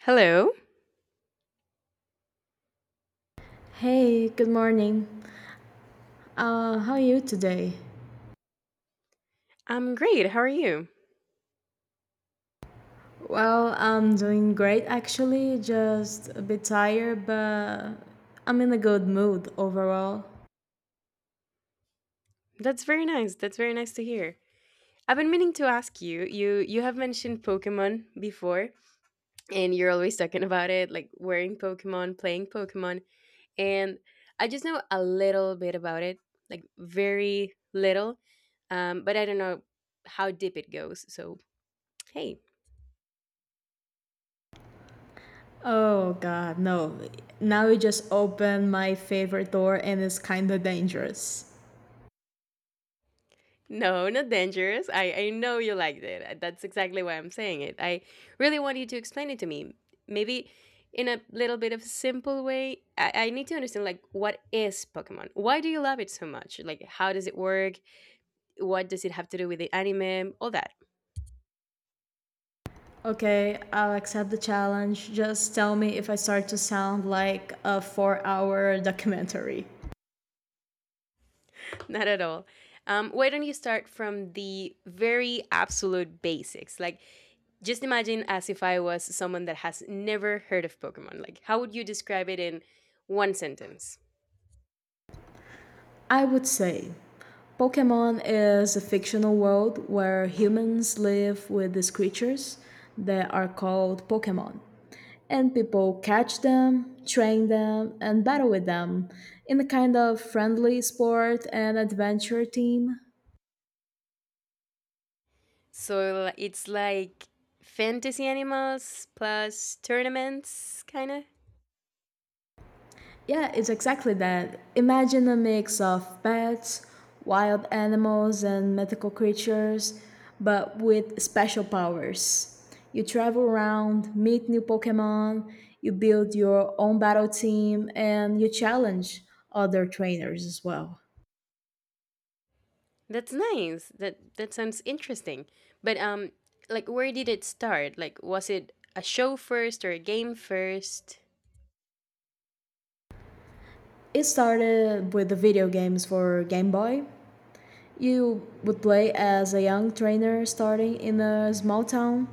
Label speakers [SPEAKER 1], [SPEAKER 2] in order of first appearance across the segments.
[SPEAKER 1] Hello.
[SPEAKER 2] Hey, good morning. How are you today?
[SPEAKER 1] I'm great. How are you?
[SPEAKER 2] Well, I'm doing great actually, just a bit tired, but I'm in a good mood overall.
[SPEAKER 1] That's very nice. That's very nice to hear. I've been meaning to ask you. You have mentioned Pokemon before, and you're always talking about it, like wearing Pokemon, playing Pokemon, and I just know a little bit about it, like very little, but I don't know how deep it goes. So hey,
[SPEAKER 2] Oh god, no. Now you just opened my favorite door and it's kinda dangerous.
[SPEAKER 1] no, not dangerous. I know you liked it. That's exactly why I'm saying it. I really want you to explain it to me. Maybe in a little bit of simple way. I need to understand, like, what is Pokemon? Why do you love it so much? Like, how does it work? What does it have to do with the anime? All that.
[SPEAKER 2] Okay, I'll accept the challenge. Just tell me if I start to sound like a 4 hour documentary.
[SPEAKER 1] Not at all. Why don't you start from the very absolute basics? Like, just imagine as if I was someone that has never heard of Pokemon. Like, how would you describe it in one sentence?
[SPEAKER 2] I would say Pokemon is a fictional world where humans live with these creatures that are called Pokemon. And people catch them, train them, and battle with them in a kind of friendly sport and adventure team.
[SPEAKER 1] So it's like fantasy animals plus tournaments, kind of.
[SPEAKER 2] Yeah, it's exactly that. Imagine a mix of pets, wild animals, and mythical creatures, but with special powers. You travel around, meet new Pokemon, you build your own battle team, and you challenge other trainers as well.
[SPEAKER 1] That's nice. That sounds interesting. But like, where did it start? Like, was it a show first or a game first?
[SPEAKER 2] It started with the video games for Game Boy. You would play as a young trainer starting in a small town.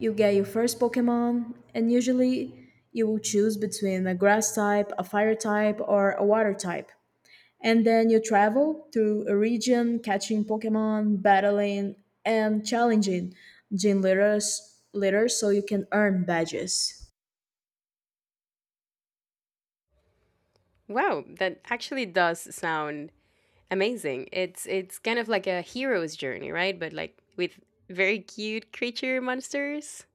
[SPEAKER 2] You get your first Pokemon, and usually you will choose between a grass type, a fire type, or a water type. And then you travel through a region catching Pokemon, battling, and challenging gym leaders so you can earn badges.
[SPEAKER 1] Wow, that actually does sound amazing. It's kind of like a hero's journey, right? But, like, with very cute creature monsters.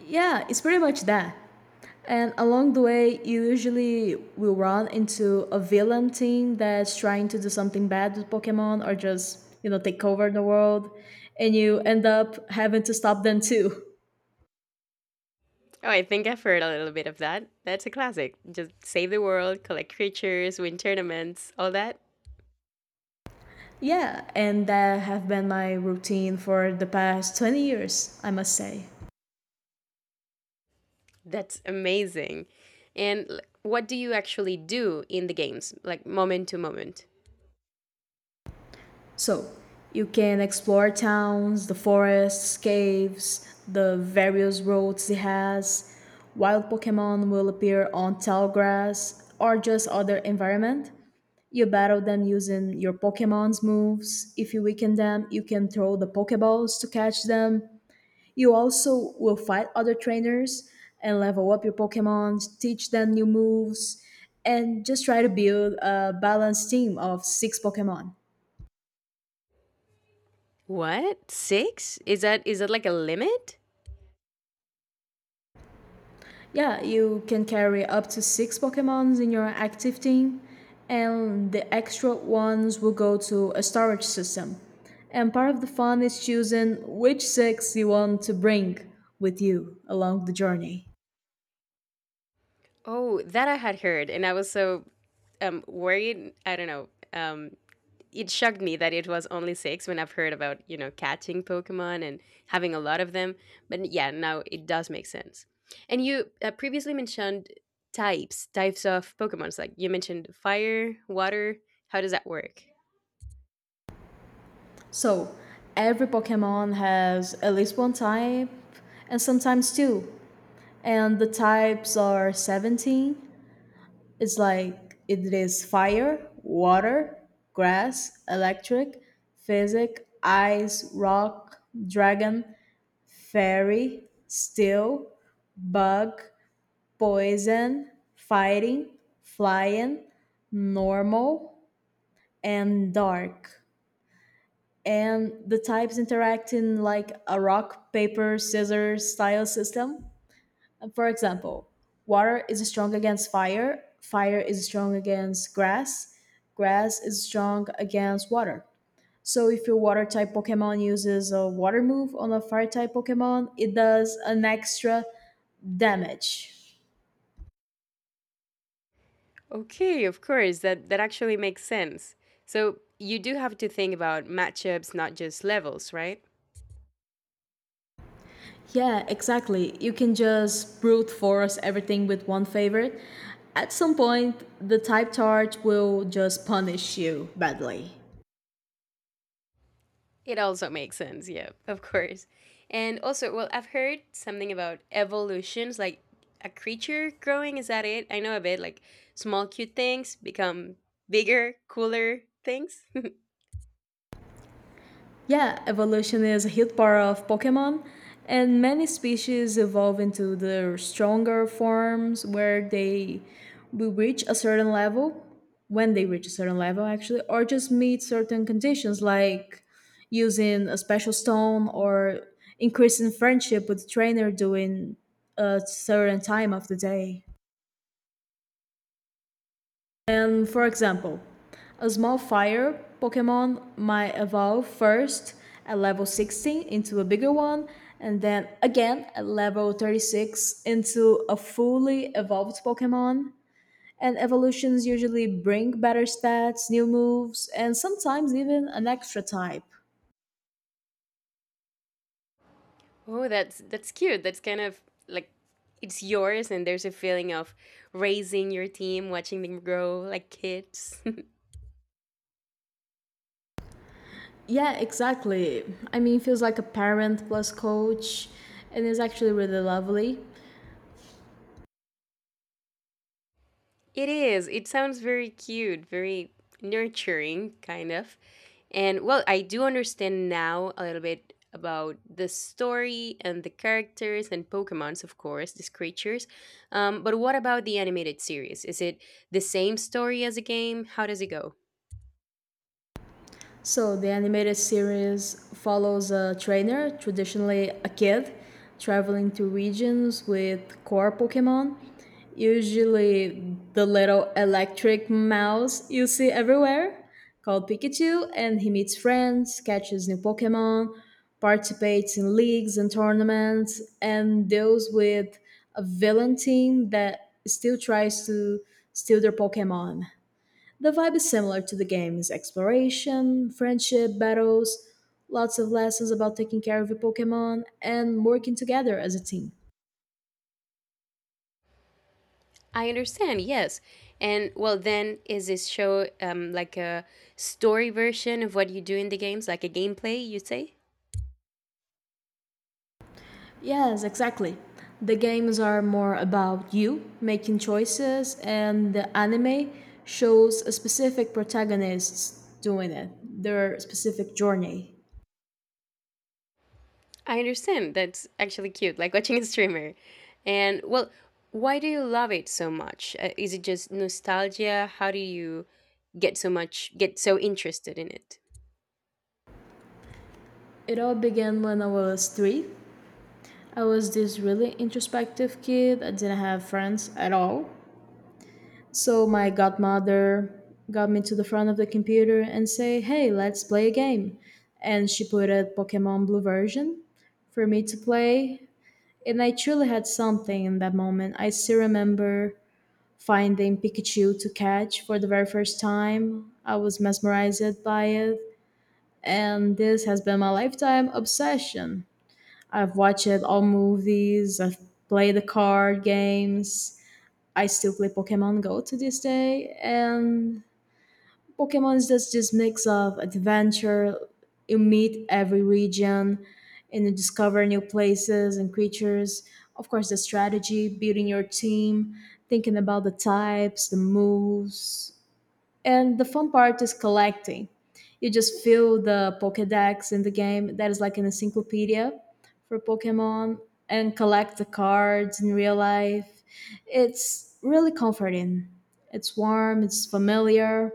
[SPEAKER 2] Yeah, it's pretty much that. And along the way, you usually will run into a villain team that's trying to do something bad with Pokemon or just, you know, take over the world. And you end up having to stop them too.
[SPEAKER 1] Oh, I think I've heard a little bit of that. That's a classic. Just save the world, collect creatures, win tournaments, all that.
[SPEAKER 2] Yeah, and that have been my routine for the past 20 years, I must say.
[SPEAKER 1] That's amazing. And what do you actually do in the games, like moment to moment?
[SPEAKER 2] So, you can explore towns, the forests, caves, the various roads it has. Wild Pokemon will appear on tall grass or just other environment. You battle them using your Pokemon's moves. If you weaken them, you can throw the Pokeballs to catch them. You also will fight other trainers and level up your Pokemons, teach them new moves, and just try to build a balanced team of six Pokemon.
[SPEAKER 1] What? 6? Is that like a limit?
[SPEAKER 2] Yeah, you can carry up to six Pokemons in your active team, and the extra ones will go to a storage system. And part of the fun is choosing which six you want to bring with you along the journey.
[SPEAKER 1] Oh, that I had heard, and I was so worried, I don't know, it shocked me that it was only six when I've heard about, you know, catching Pokemon and having a lot of them. But yeah, now it does make sense. And you previously mentioned types of Pokemons. Like, you mentioned fire, water. How does that work?
[SPEAKER 2] So, every Pokemon has at least one type, and sometimes two. And the types are 17. It's like it is fire, water, grass, electric, physic, ice, rock, dragon, fairy, steel, bug, poison, fighting, flying, normal, and dark. And the types interact in like a rock, paper, scissors style system. For example, water is strong against fire, fire is strong against grass, grass is strong against water. So if your water type Pokemon uses a water move on a fire type Pokemon, it does an extra damage.
[SPEAKER 1] Okay, of course, that actually makes sense. So you do have to think about matchups, not just levels, right?
[SPEAKER 2] Yeah, exactly. You can just brute force everything with one favorite. At some point, the type charge will just punish you badly.
[SPEAKER 1] It also makes sense, yeah, of course. And also, well, I've heard something about evolutions, like a creature growing. Is that it? I know a bit, like small cute things become bigger, cooler things.
[SPEAKER 2] Yeah, evolution is a huge part of Pokemon, and many species evolve into their stronger forms where they will reach a certain level, when they reach a certain level actually, or just meet certain conditions like using a special stone or increasing friendship with the trainer during a certain time of the day. And for example, a small fire Pokemon might evolve first at level 16 into a bigger one, and then again at level 36 into a fully evolved Pokemon. And evolutions usually bring better stats, new moves, and sometimes even an extra type.
[SPEAKER 1] Oh, that's cute. That's kind of like it's yours, and there's a feeling of raising your team, watching them grow like kids.
[SPEAKER 2] Yeah, exactly. I mean, it feels like a parent plus coach, and it's actually really lovely.
[SPEAKER 1] It is. It sounds very cute, very nurturing, kind of. And well, I do understand now a little bit about the story and the characters and Pokemons, of course, these creatures. But what about the animated series? Is it the same story as a game? How does it go?
[SPEAKER 2] So the animated series follows a trainer, traditionally a kid, traveling to regions with core Pokemon, usually the little electric mouse you see everywhere, called Pikachu, and he meets friends, catches new Pokemon, participates in leagues and tournaments, and deals with a villain team that still tries to steal their Pokemon. The vibe is similar to the game's exploration, friendship, battles, lots of lessons about taking care of your Pokemon, and working together as a team.
[SPEAKER 1] I understand, yes. And well, then is this show like a story version of what you do in the games, like a gameplay, you say?
[SPEAKER 2] Yes, exactly. The games are more about you making choices, and the anime shows a specific protagonists doing it, their specific journey.
[SPEAKER 1] I understand. That's actually cute, like watching a streamer. And well, why do you love it so much? Is it just nostalgia? How do you get so interested in it?
[SPEAKER 2] It all began when I was three. I was this really introspective kid. I didn't have friends at all. So my godmother got me to the front of the computer and say, "Hey, let's play a game." And she put a Pokemon Blue version for me to play, and I truly had something in that moment. I still remember finding Pikachu to catch for the very first time. I was mesmerized by it, and this has been my lifetime obsession. I've watched all movies, I've played the card games. I still play Pokemon Go to this day, and Pokemon's just this mix of adventure. You meet every region and you discover new places and creatures. Of course, the strategy, building your team, thinking about the types, the moves. And the fun part is collecting. You just fill the Pokedex in the game, that is like an encyclopedia for Pokemon, and collect the cards in real life. It's really comforting. It's warm, it's familiar,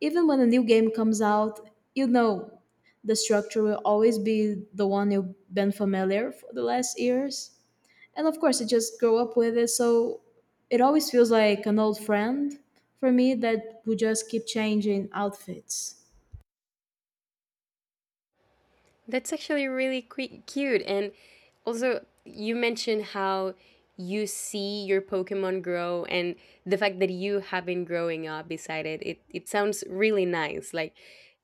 [SPEAKER 2] even when a new game comes out, you know the structure will always be the one you've been familiar for the last years. And of course, you just grow up with it, so it always feels like an old friend for me that would just keep changing outfits.
[SPEAKER 1] That's actually really cute. And also, you mentioned how you see your Pokemon grow and the fact that you have been growing up beside it. It sounds really nice. Like,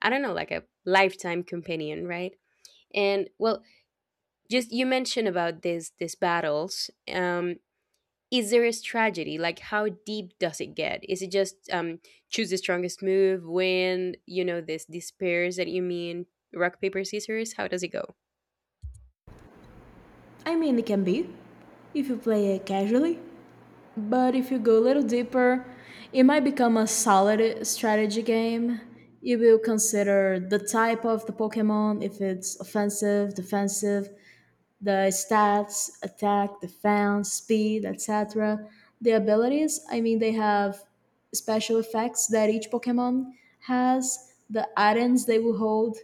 [SPEAKER 1] I don't know, like a lifetime companion, right? And well, just, you mentioned about this these battles, is there a strategy, like how deep does it get? Is it just choose the strongest move, win, you know, this these pairs that you mean, rock paper scissors, how does it go?
[SPEAKER 2] I mean, it can be if you play it casually, but if you go a little deeper, it might become a solid strategy game. You will consider the type of the Pokemon, if it's offensive, defensive, the stats, attack, defense, speed, etc. The abilities, I mean, they have special effects that each Pokemon has, the items they will hold,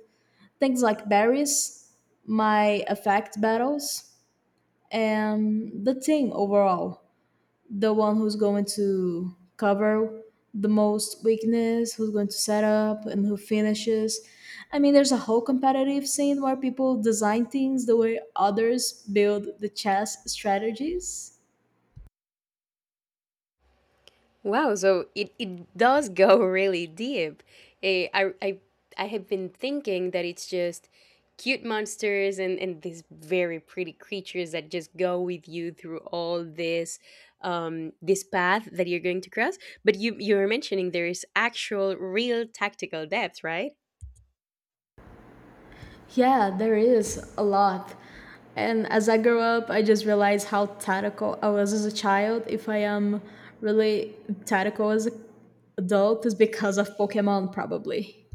[SPEAKER 2] things like berries, my effect battles, and the team overall the one who's going to cover the most weakness, who's going to set up and who finishes. I mean, there's a whole competitive scene where people design things the way others build the chess strategies.
[SPEAKER 1] Wow, so it does go really deep. Eh, I have been thinking that it's just cute monsters and these very pretty creatures that just go with you through all this, this path that you're going to cross. But you're mentioning there is actual real tactical depth, right?
[SPEAKER 2] Yeah, there is a lot. And as I grew up, I just realized how tactical I was as a child. If I am really tactical as an adult, is because of Pokemon, probably.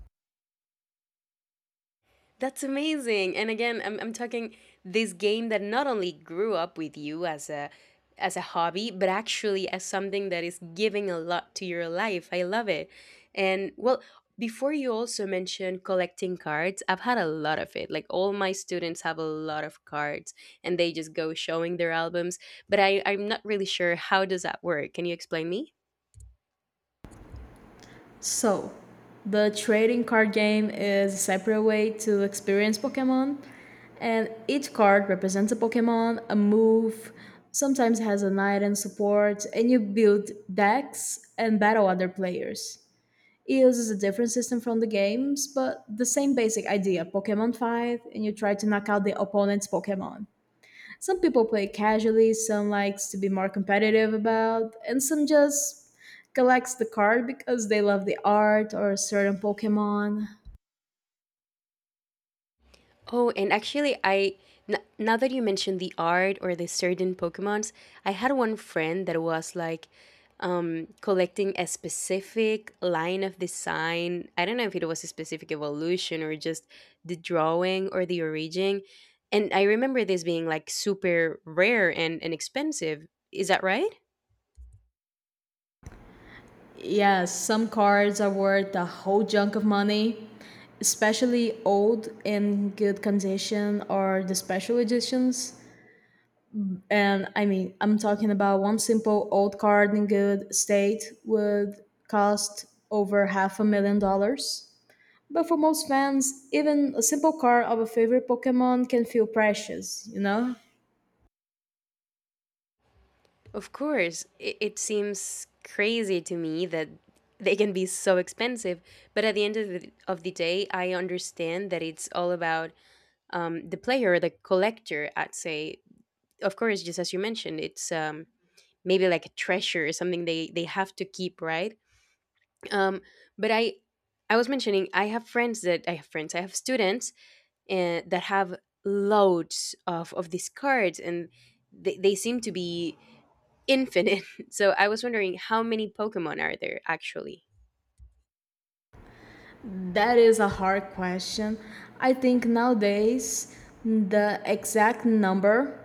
[SPEAKER 1] That's amazing. And again, I'm talking this game that not only grew up with you as a hobby, but actually as something that is giving a lot to your life. I love it. And well, before, you also mentioned collecting cards. I've had a lot of it. Like, all my students have a lot of cards and they just go showing their albums, but I'm not really sure how does that work. Can you explain me?
[SPEAKER 2] So, the trading card game is a separate way to experience Pokemon, and each card represents a Pokemon, a move, sometimes has an item support, and you build decks and battle other players. It uses a different system from the games, but the same basic idea Pokemon fight, and you try to knock out the opponent's Pokemon. Some people play casually, some likes to be more competitive about, and some just collects the card because they love the art or a certain Pokemon.
[SPEAKER 1] Oh, and actually, now that you mentioned the art or the certain Pokemons, I had one friend that was like collecting a specific line of design. I don't know if it was a specific evolution or just the drawing or the origin. And I remember this being like super rare and expensive. Is that right?
[SPEAKER 2] Yes, some cards are worth a whole junk of money, especially old in good condition or the special editions. And I mean, I'm talking about one simple old card in good state would cost over half a million dollars. But for most fans, even a simple card of a favorite Pokemon can feel precious, you know?
[SPEAKER 1] Of course, it seems crazy to me that they can be so expensive, but at the end of of the day, I understand that it's all about, the player, the collector, I'd say. Of course, just as you mentioned, it's, maybe like a treasure, something they have to keep, right? Um, but I was mentioning, I have friends, I have students that have loads of these cards, and they seem to be infinite. So I was wondering, how many Pokemon are there actually?
[SPEAKER 2] That is a hard question. I think nowadays the exact number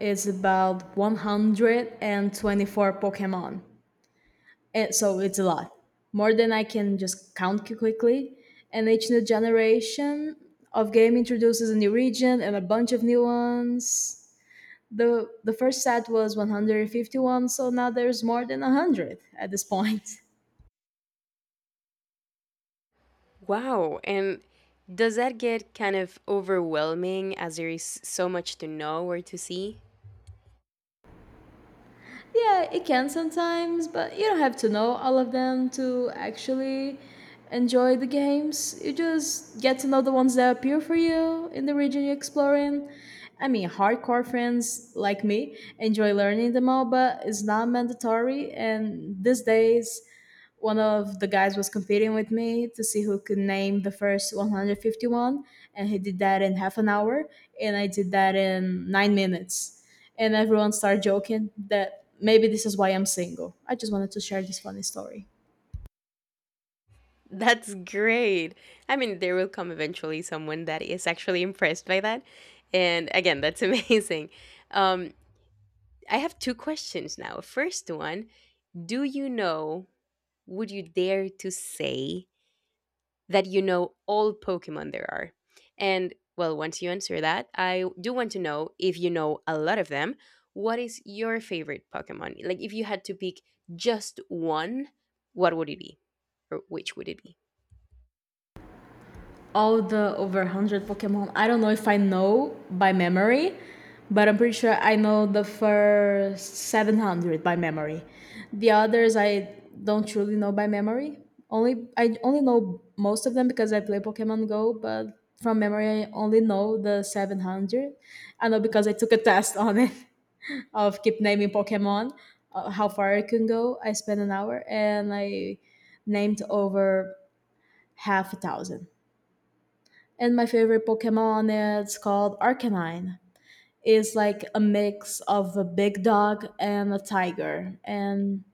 [SPEAKER 2] is about 124 Pokemon. And so it's a lot. More than I can just count quickly. And each new generation of game introduces a new region and a bunch of new ones. The first set was 151, so now there's more than 100 at this point.
[SPEAKER 1] Wow. And does that get kind of overwhelming, as there is so much to know or to see?
[SPEAKER 2] Yeah, it can sometimes, but you don't have to know all of them to actually enjoy the games. You just get to know the ones that appear for you in the region you're exploring. I mean, hardcore friends like me enjoy learning them all, but it's not mandatory. And these days one of the guys was competing with me to see who could name the first 151, and he did that in half an hour, and I did that in 9 minutes. And everyone started joking that maybe this is why I'm single. I just wanted to share this funny story.
[SPEAKER 1] That's great. I mean, there will come eventually someone that is actually impressed by that. And again, that's amazing. Um, I have two questions now. First one. Do you know, would you dare to say that you know all Pokemon there are? And well, once you answer that, I do want to know if you know a lot of them. What is your favorite Pokemon? Like, if you had to pick just one, what would it be? Or which would it be?
[SPEAKER 2] All the over 100 Pokemon, I don't know if I know by memory, but I'm pretty sure I know the first 700 by memory. The others I don't truly know by memory. Only I only know most of them because I play Pokemon Go, but from memory I only know the 700. I know because I took a test on it of keep naming Pokemon, how far I can go. I spent an hour and I named over half a thousand. And my favorite Pokemon is called Arcanine. It's like a mix of a big dog and a tiger, and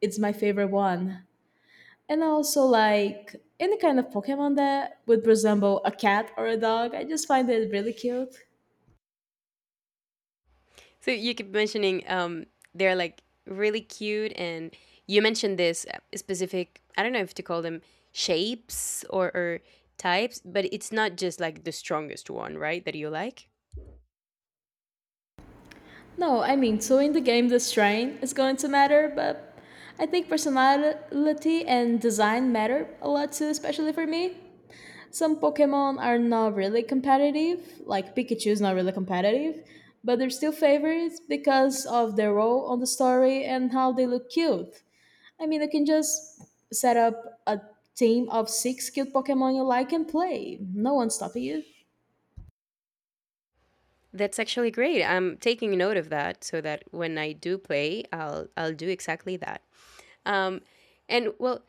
[SPEAKER 2] it's my favorite one. And I also like any kind of Pokemon that would resemble a cat or a dog. I just find it really cute.
[SPEAKER 1] So, you keep mentioning, they're like really cute, and you mentioned this specific, I don't know if to call them shapes or types, but it's not just like the strongest one, right? That you like?
[SPEAKER 2] No, I mean, so in the game, the strain is going to matter, but I think personality and design matter a lot too, especially for me. Some Pokemon are not really competitive, like Pikachu is not really competitive, but they're still favorites because of their role on the story and how they look cute. I mean, you can just set up a team of six cute Pokemon you like and play. No one's stopping you.
[SPEAKER 1] That's actually great. I'm taking note of that so that when I do play, I'll do exactly that. Um, and well,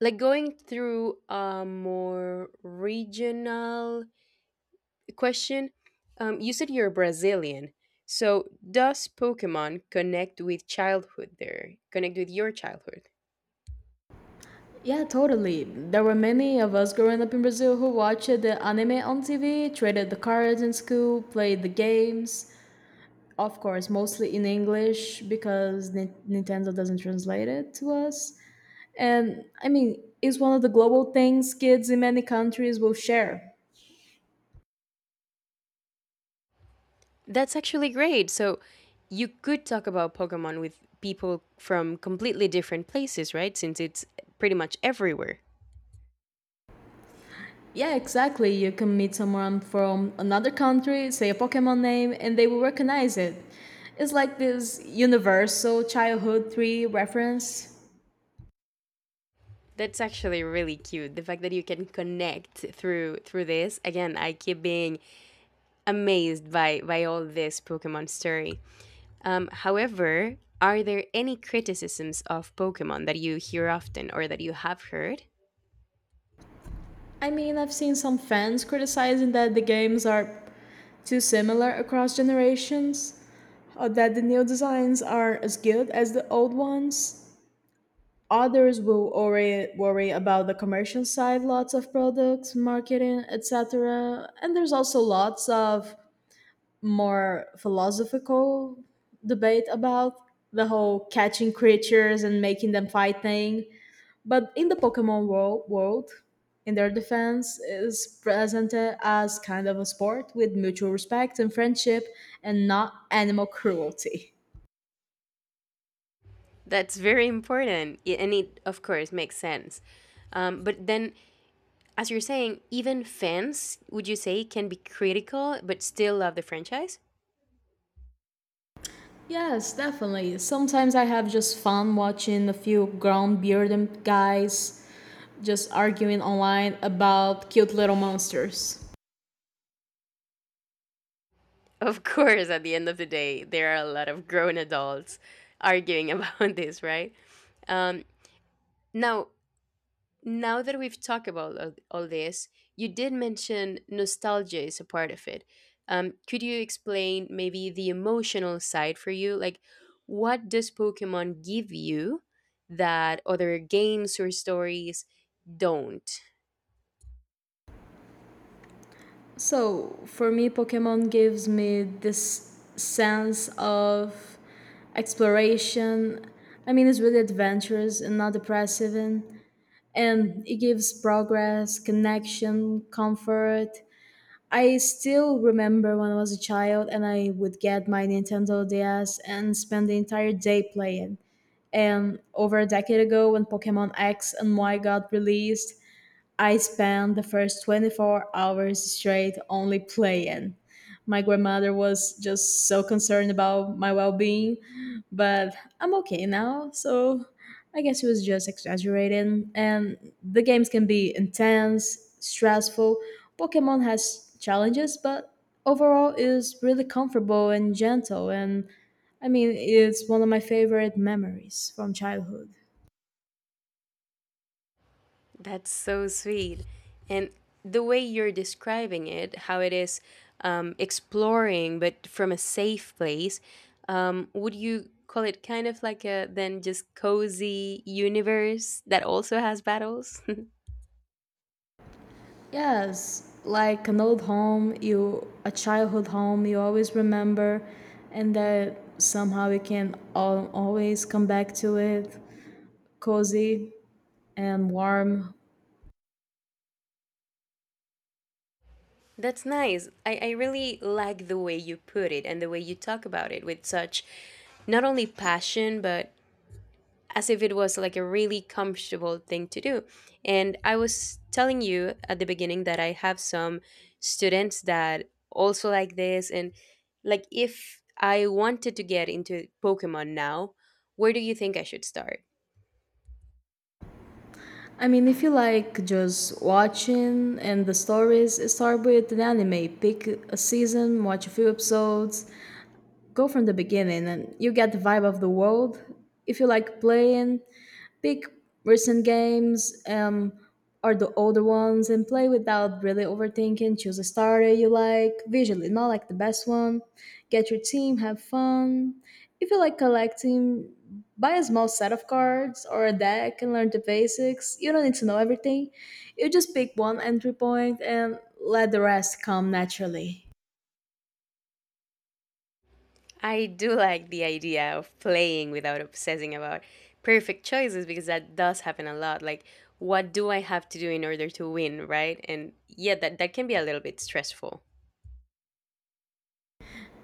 [SPEAKER 1] like going through a more regional question, you said you're Brazilian. So, does Pokemon connect with childhood there? Connect with your childhood?
[SPEAKER 2] Yeah, totally. There were many of us growing up in Brazil who watched the anime on TV, traded the cards in school, played the games. Of course, mostly in English because Nintendo doesn't translate it to us. And I mean, it's one of the global things kids in many countries will share.
[SPEAKER 1] That's actually great. So you could talk about Pokemon with people from completely different places, right? Since it's pretty much everywhere.
[SPEAKER 2] Yeah, exactly. You can meet someone from another country, say a Pokemon name, and they will recognize it. It's like this universal childhood 3 reference.
[SPEAKER 1] That's actually really cute. The fact that you can connect through this. Again, I keep being amazed by all this Pokemon story. However, are there any criticisms of Pokemon that you hear often or that you have heard?
[SPEAKER 2] I mean, I've seen some fans criticizing that the games are too similar across generations, or that the new designs are as good as the old ones. Others will worry about the commercial side, lots of products, marketing, etc. And there's also lots of more philosophical debate about the whole catching creatures and making them fight thing. But in the Pokemon world in their defense, is presented as kind of a sport with mutual respect and friendship and not animal cruelty.
[SPEAKER 1] That's very important, and it of course makes sense. But then, as you're saying, even fans, would you say, can be critical but still love the franchise?
[SPEAKER 2] Yes, definitely. Sometimes I have just fun watching a few grown bearded guys just arguing online about cute little monsters.
[SPEAKER 1] Of course, at the end of the day, there are a lot of grown adults arguing about this, right? Um, Now, that we've talked about all this, you did mention nostalgia is a part of it. Could you explain maybe the emotional side for you? Like, what does Pokemon give you that other games or stories don't?
[SPEAKER 2] So, for me, Pokemon gives me this sense of exploration. I mean, it's really adventurous and not depressive, and it gives progress, connection, comfort. I still remember when I was a child and I would get my Nintendo DS and spend the entire day playing. And over a decade ago, when Pokemon X and Y got released, I spent the first 24 hours straight only playing. My grandmother was just so concerned about my well being, but I'm okay now, so I guess it was just exaggerating. And the games can be intense, stressful. Pokemon has challenges, but overall is really comfortable and gentle, and I mean it's one of my favorite memories from childhood.
[SPEAKER 1] That's so sweet. And the way you're describing it, how it is, exploring, but from a safe place, would you call it kind of like a then just cozy universe that also has battles?
[SPEAKER 2] Yes, like an old home, you a childhood home you always remember, and that somehow you can always come back to it, cozy and warm.
[SPEAKER 1] That's nice. I really like the way you put it and the way you talk about it with such not only passion, but as if it was like a really comfortable thing to do. And I was telling you at the beginning that I have some students that also like this. And like, if I wanted to get into Pokemon now, where do you think I should start?
[SPEAKER 2] I mean, if you like just watching and the stories, start with an anime. Pick a season, watch a few episodes, go from the beginning, and you get the vibe of the world. If you like playing, pick recent games or the older ones and play without really overthinking. Choose a starter you like visually, not like the best one. Get your team, have fun. If you like collecting, buy a small set of cards or a deck and learn the basics. You don't need to know everything. You just pick one entry point and let the rest come naturally.
[SPEAKER 1] I do like the idea of playing without obsessing about perfect choices, because that does happen a lot. Like, what do I have to do in order to win, right? And yeah, that can be a little bit stressful.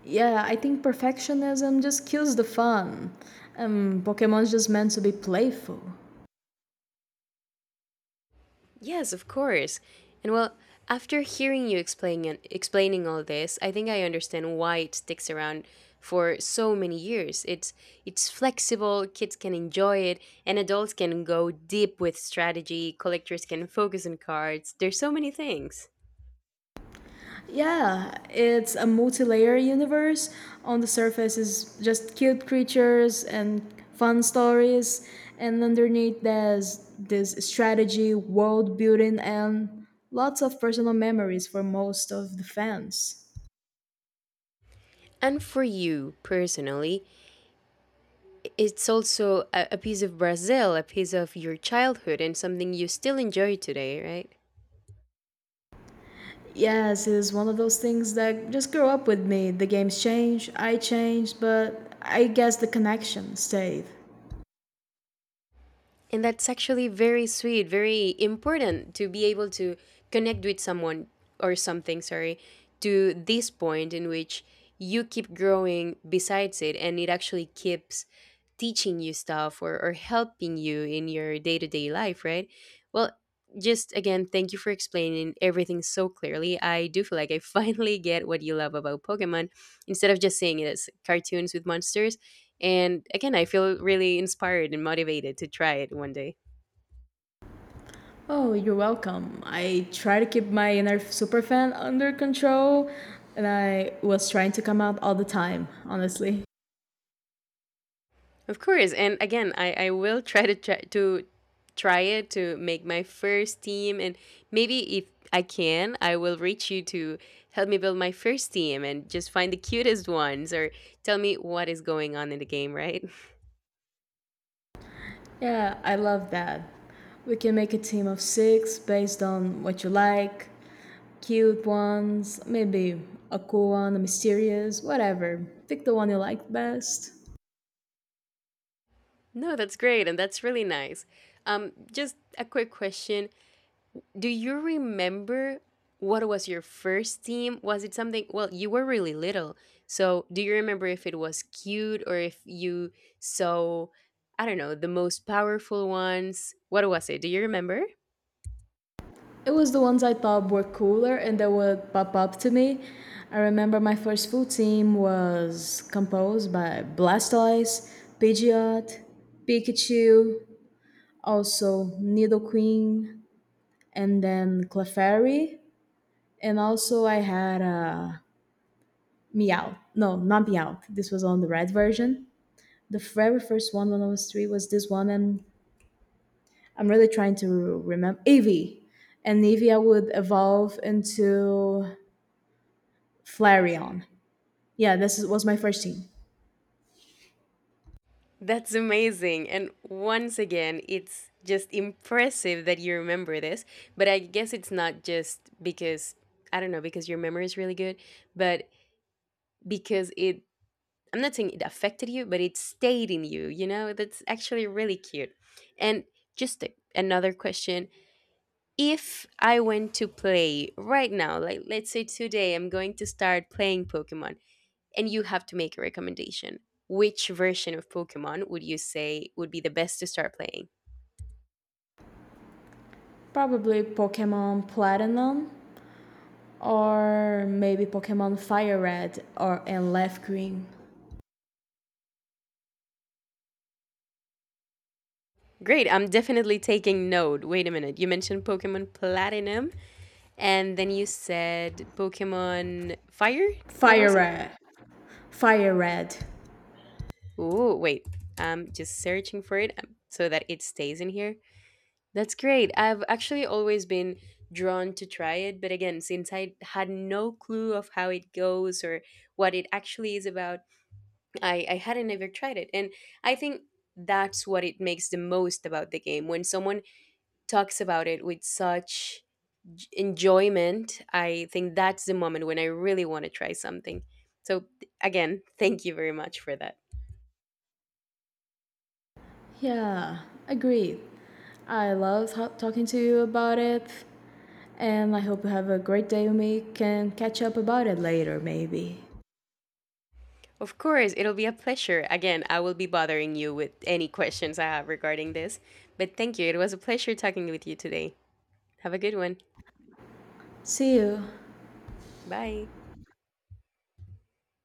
[SPEAKER 2] Yeah, I think perfectionism just kills the fun. Pokemon's just meant to be playful.
[SPEAKER 1] Yes, of course. And well, after hearing you explaining all this, I think I understand why it sticks around for so many years. It's flexible, kids can enjoy it, and adults can go deep with strategy, collectors can focus on cards. There's so many things.
[SPEAKER 2] Yeah, it's a multi-layer universe. On the surface is just cute creatures and fun stories, and underneath there's this strategy, world building, and lots of personal memories for most of the fans.
[SPEAKER 1] And for you personally, it's also a piece of Brazil, a piece of your childhood, and something you still enjoy today, right?
[SPEAKER 2] Yes, it is one of those things that just grew up with me. The games change, I changed, but I guess the connection stayed.
[SPEAKER 1] And that's actually very sweet, very important to be able to connect with someone, or something, sorry, to this point in which you keep growing besides it and it actually keeps teaching you stuff or helping you in your day to day life, right? Well, just again, thank you for explaining everything so clearly. I do feel like I finally get what you love about Pokemon, instead of just saying it as cartoons with monsters. And again, I feel really inspired and motivated to try it one day.
[SPEAKER 2] Oh, you're welcome. I try to keep my inner super fan under control, and I was trying to come out all the time, honestly.
[SPEAKER 1] Of course, and again, I will try it to make my first team, and maybe if I can, I will reach you to help me build my first team and just find the cutest ones or tell me what is going on in the game, right?
[SPEAKER 2] Yeah, I love that. We can make a team of six based on what you like, cute ones, maybe a cool one, a mysterious, whatever. Pick the one you like best.
[SPEAKER 1] No, that's great, and that's really nice. Um, just a quick question: do you remember what was your first team? Was it something? Well, you were really little. So, do you remember if it was cute or if you saw, I don't know, the most powerful ones? What was it? Do you remember?
[SPEAKER 2] It was the ones I thought were cooler and that would pop up to me. I remember my first full team was composed by Blastoise, Pidgeot, Pikachu, also Nidoqueen, and then Clefairy. And also I had a Meow. No, not Meow. This was on the red version. The very first one when I was three was this one, and I'm really trying to remember. Eevee. And Eevee I would evolve into Flareon. Yeah, was my first team.
[SPEAKER 1] That's amazing. And once again, it's just impressive that you remember this. But I guess it's not just because, I don't know, because your memory is really good, but because it, I'm not saying it affected you, but it stayed in you, you know? That's actually really cute. And just another question. If I went to play right now, like let's say today I'm going to start playing Pokemon and you have to make a recommendation, which version of Pokemon would you say would be the best to start playing?
[SPEAKER 2] Probably Pokemon Platinum or maybe Pokemon Fire Red or and Leaf Green.
[SPEAKER 1] Great, I'm definitely taking note. Wait a minute. You mentioned Pokemon Platinum and then you said Pokemon Fire? What
[SPEAKER 2] Fire
[SPEAKER 1] was it?
[SPEAKER 2] Red. Fire Red.
[SPEAKER 1] Ooh, wait. I'm just searching for it, so that it stays in here. That's great. I've actually always been drawn to try it, but again, since I had no clue of how it goes or what it actually is about, I hadn't ever tried it. And I think that's what it makes the most about the game. When someone talks about it with such enjoyment, I think that's the moment when I really want to try something. So, again, thank you very much for that.
[SPEAKER 2] Yeah, agreed. I love talking to you about it, and I hope you have a great day. We can catch up about it later, maybe.
[SPEAKER 1] Of course, it'll be a pleasure. Again, I will be bothering you with any questions I have regarding this. But thank you. It was a pleasure talking with you today. Have a good one.
[SPEAKER 2] See you.
[SPEAKER 1] Bye.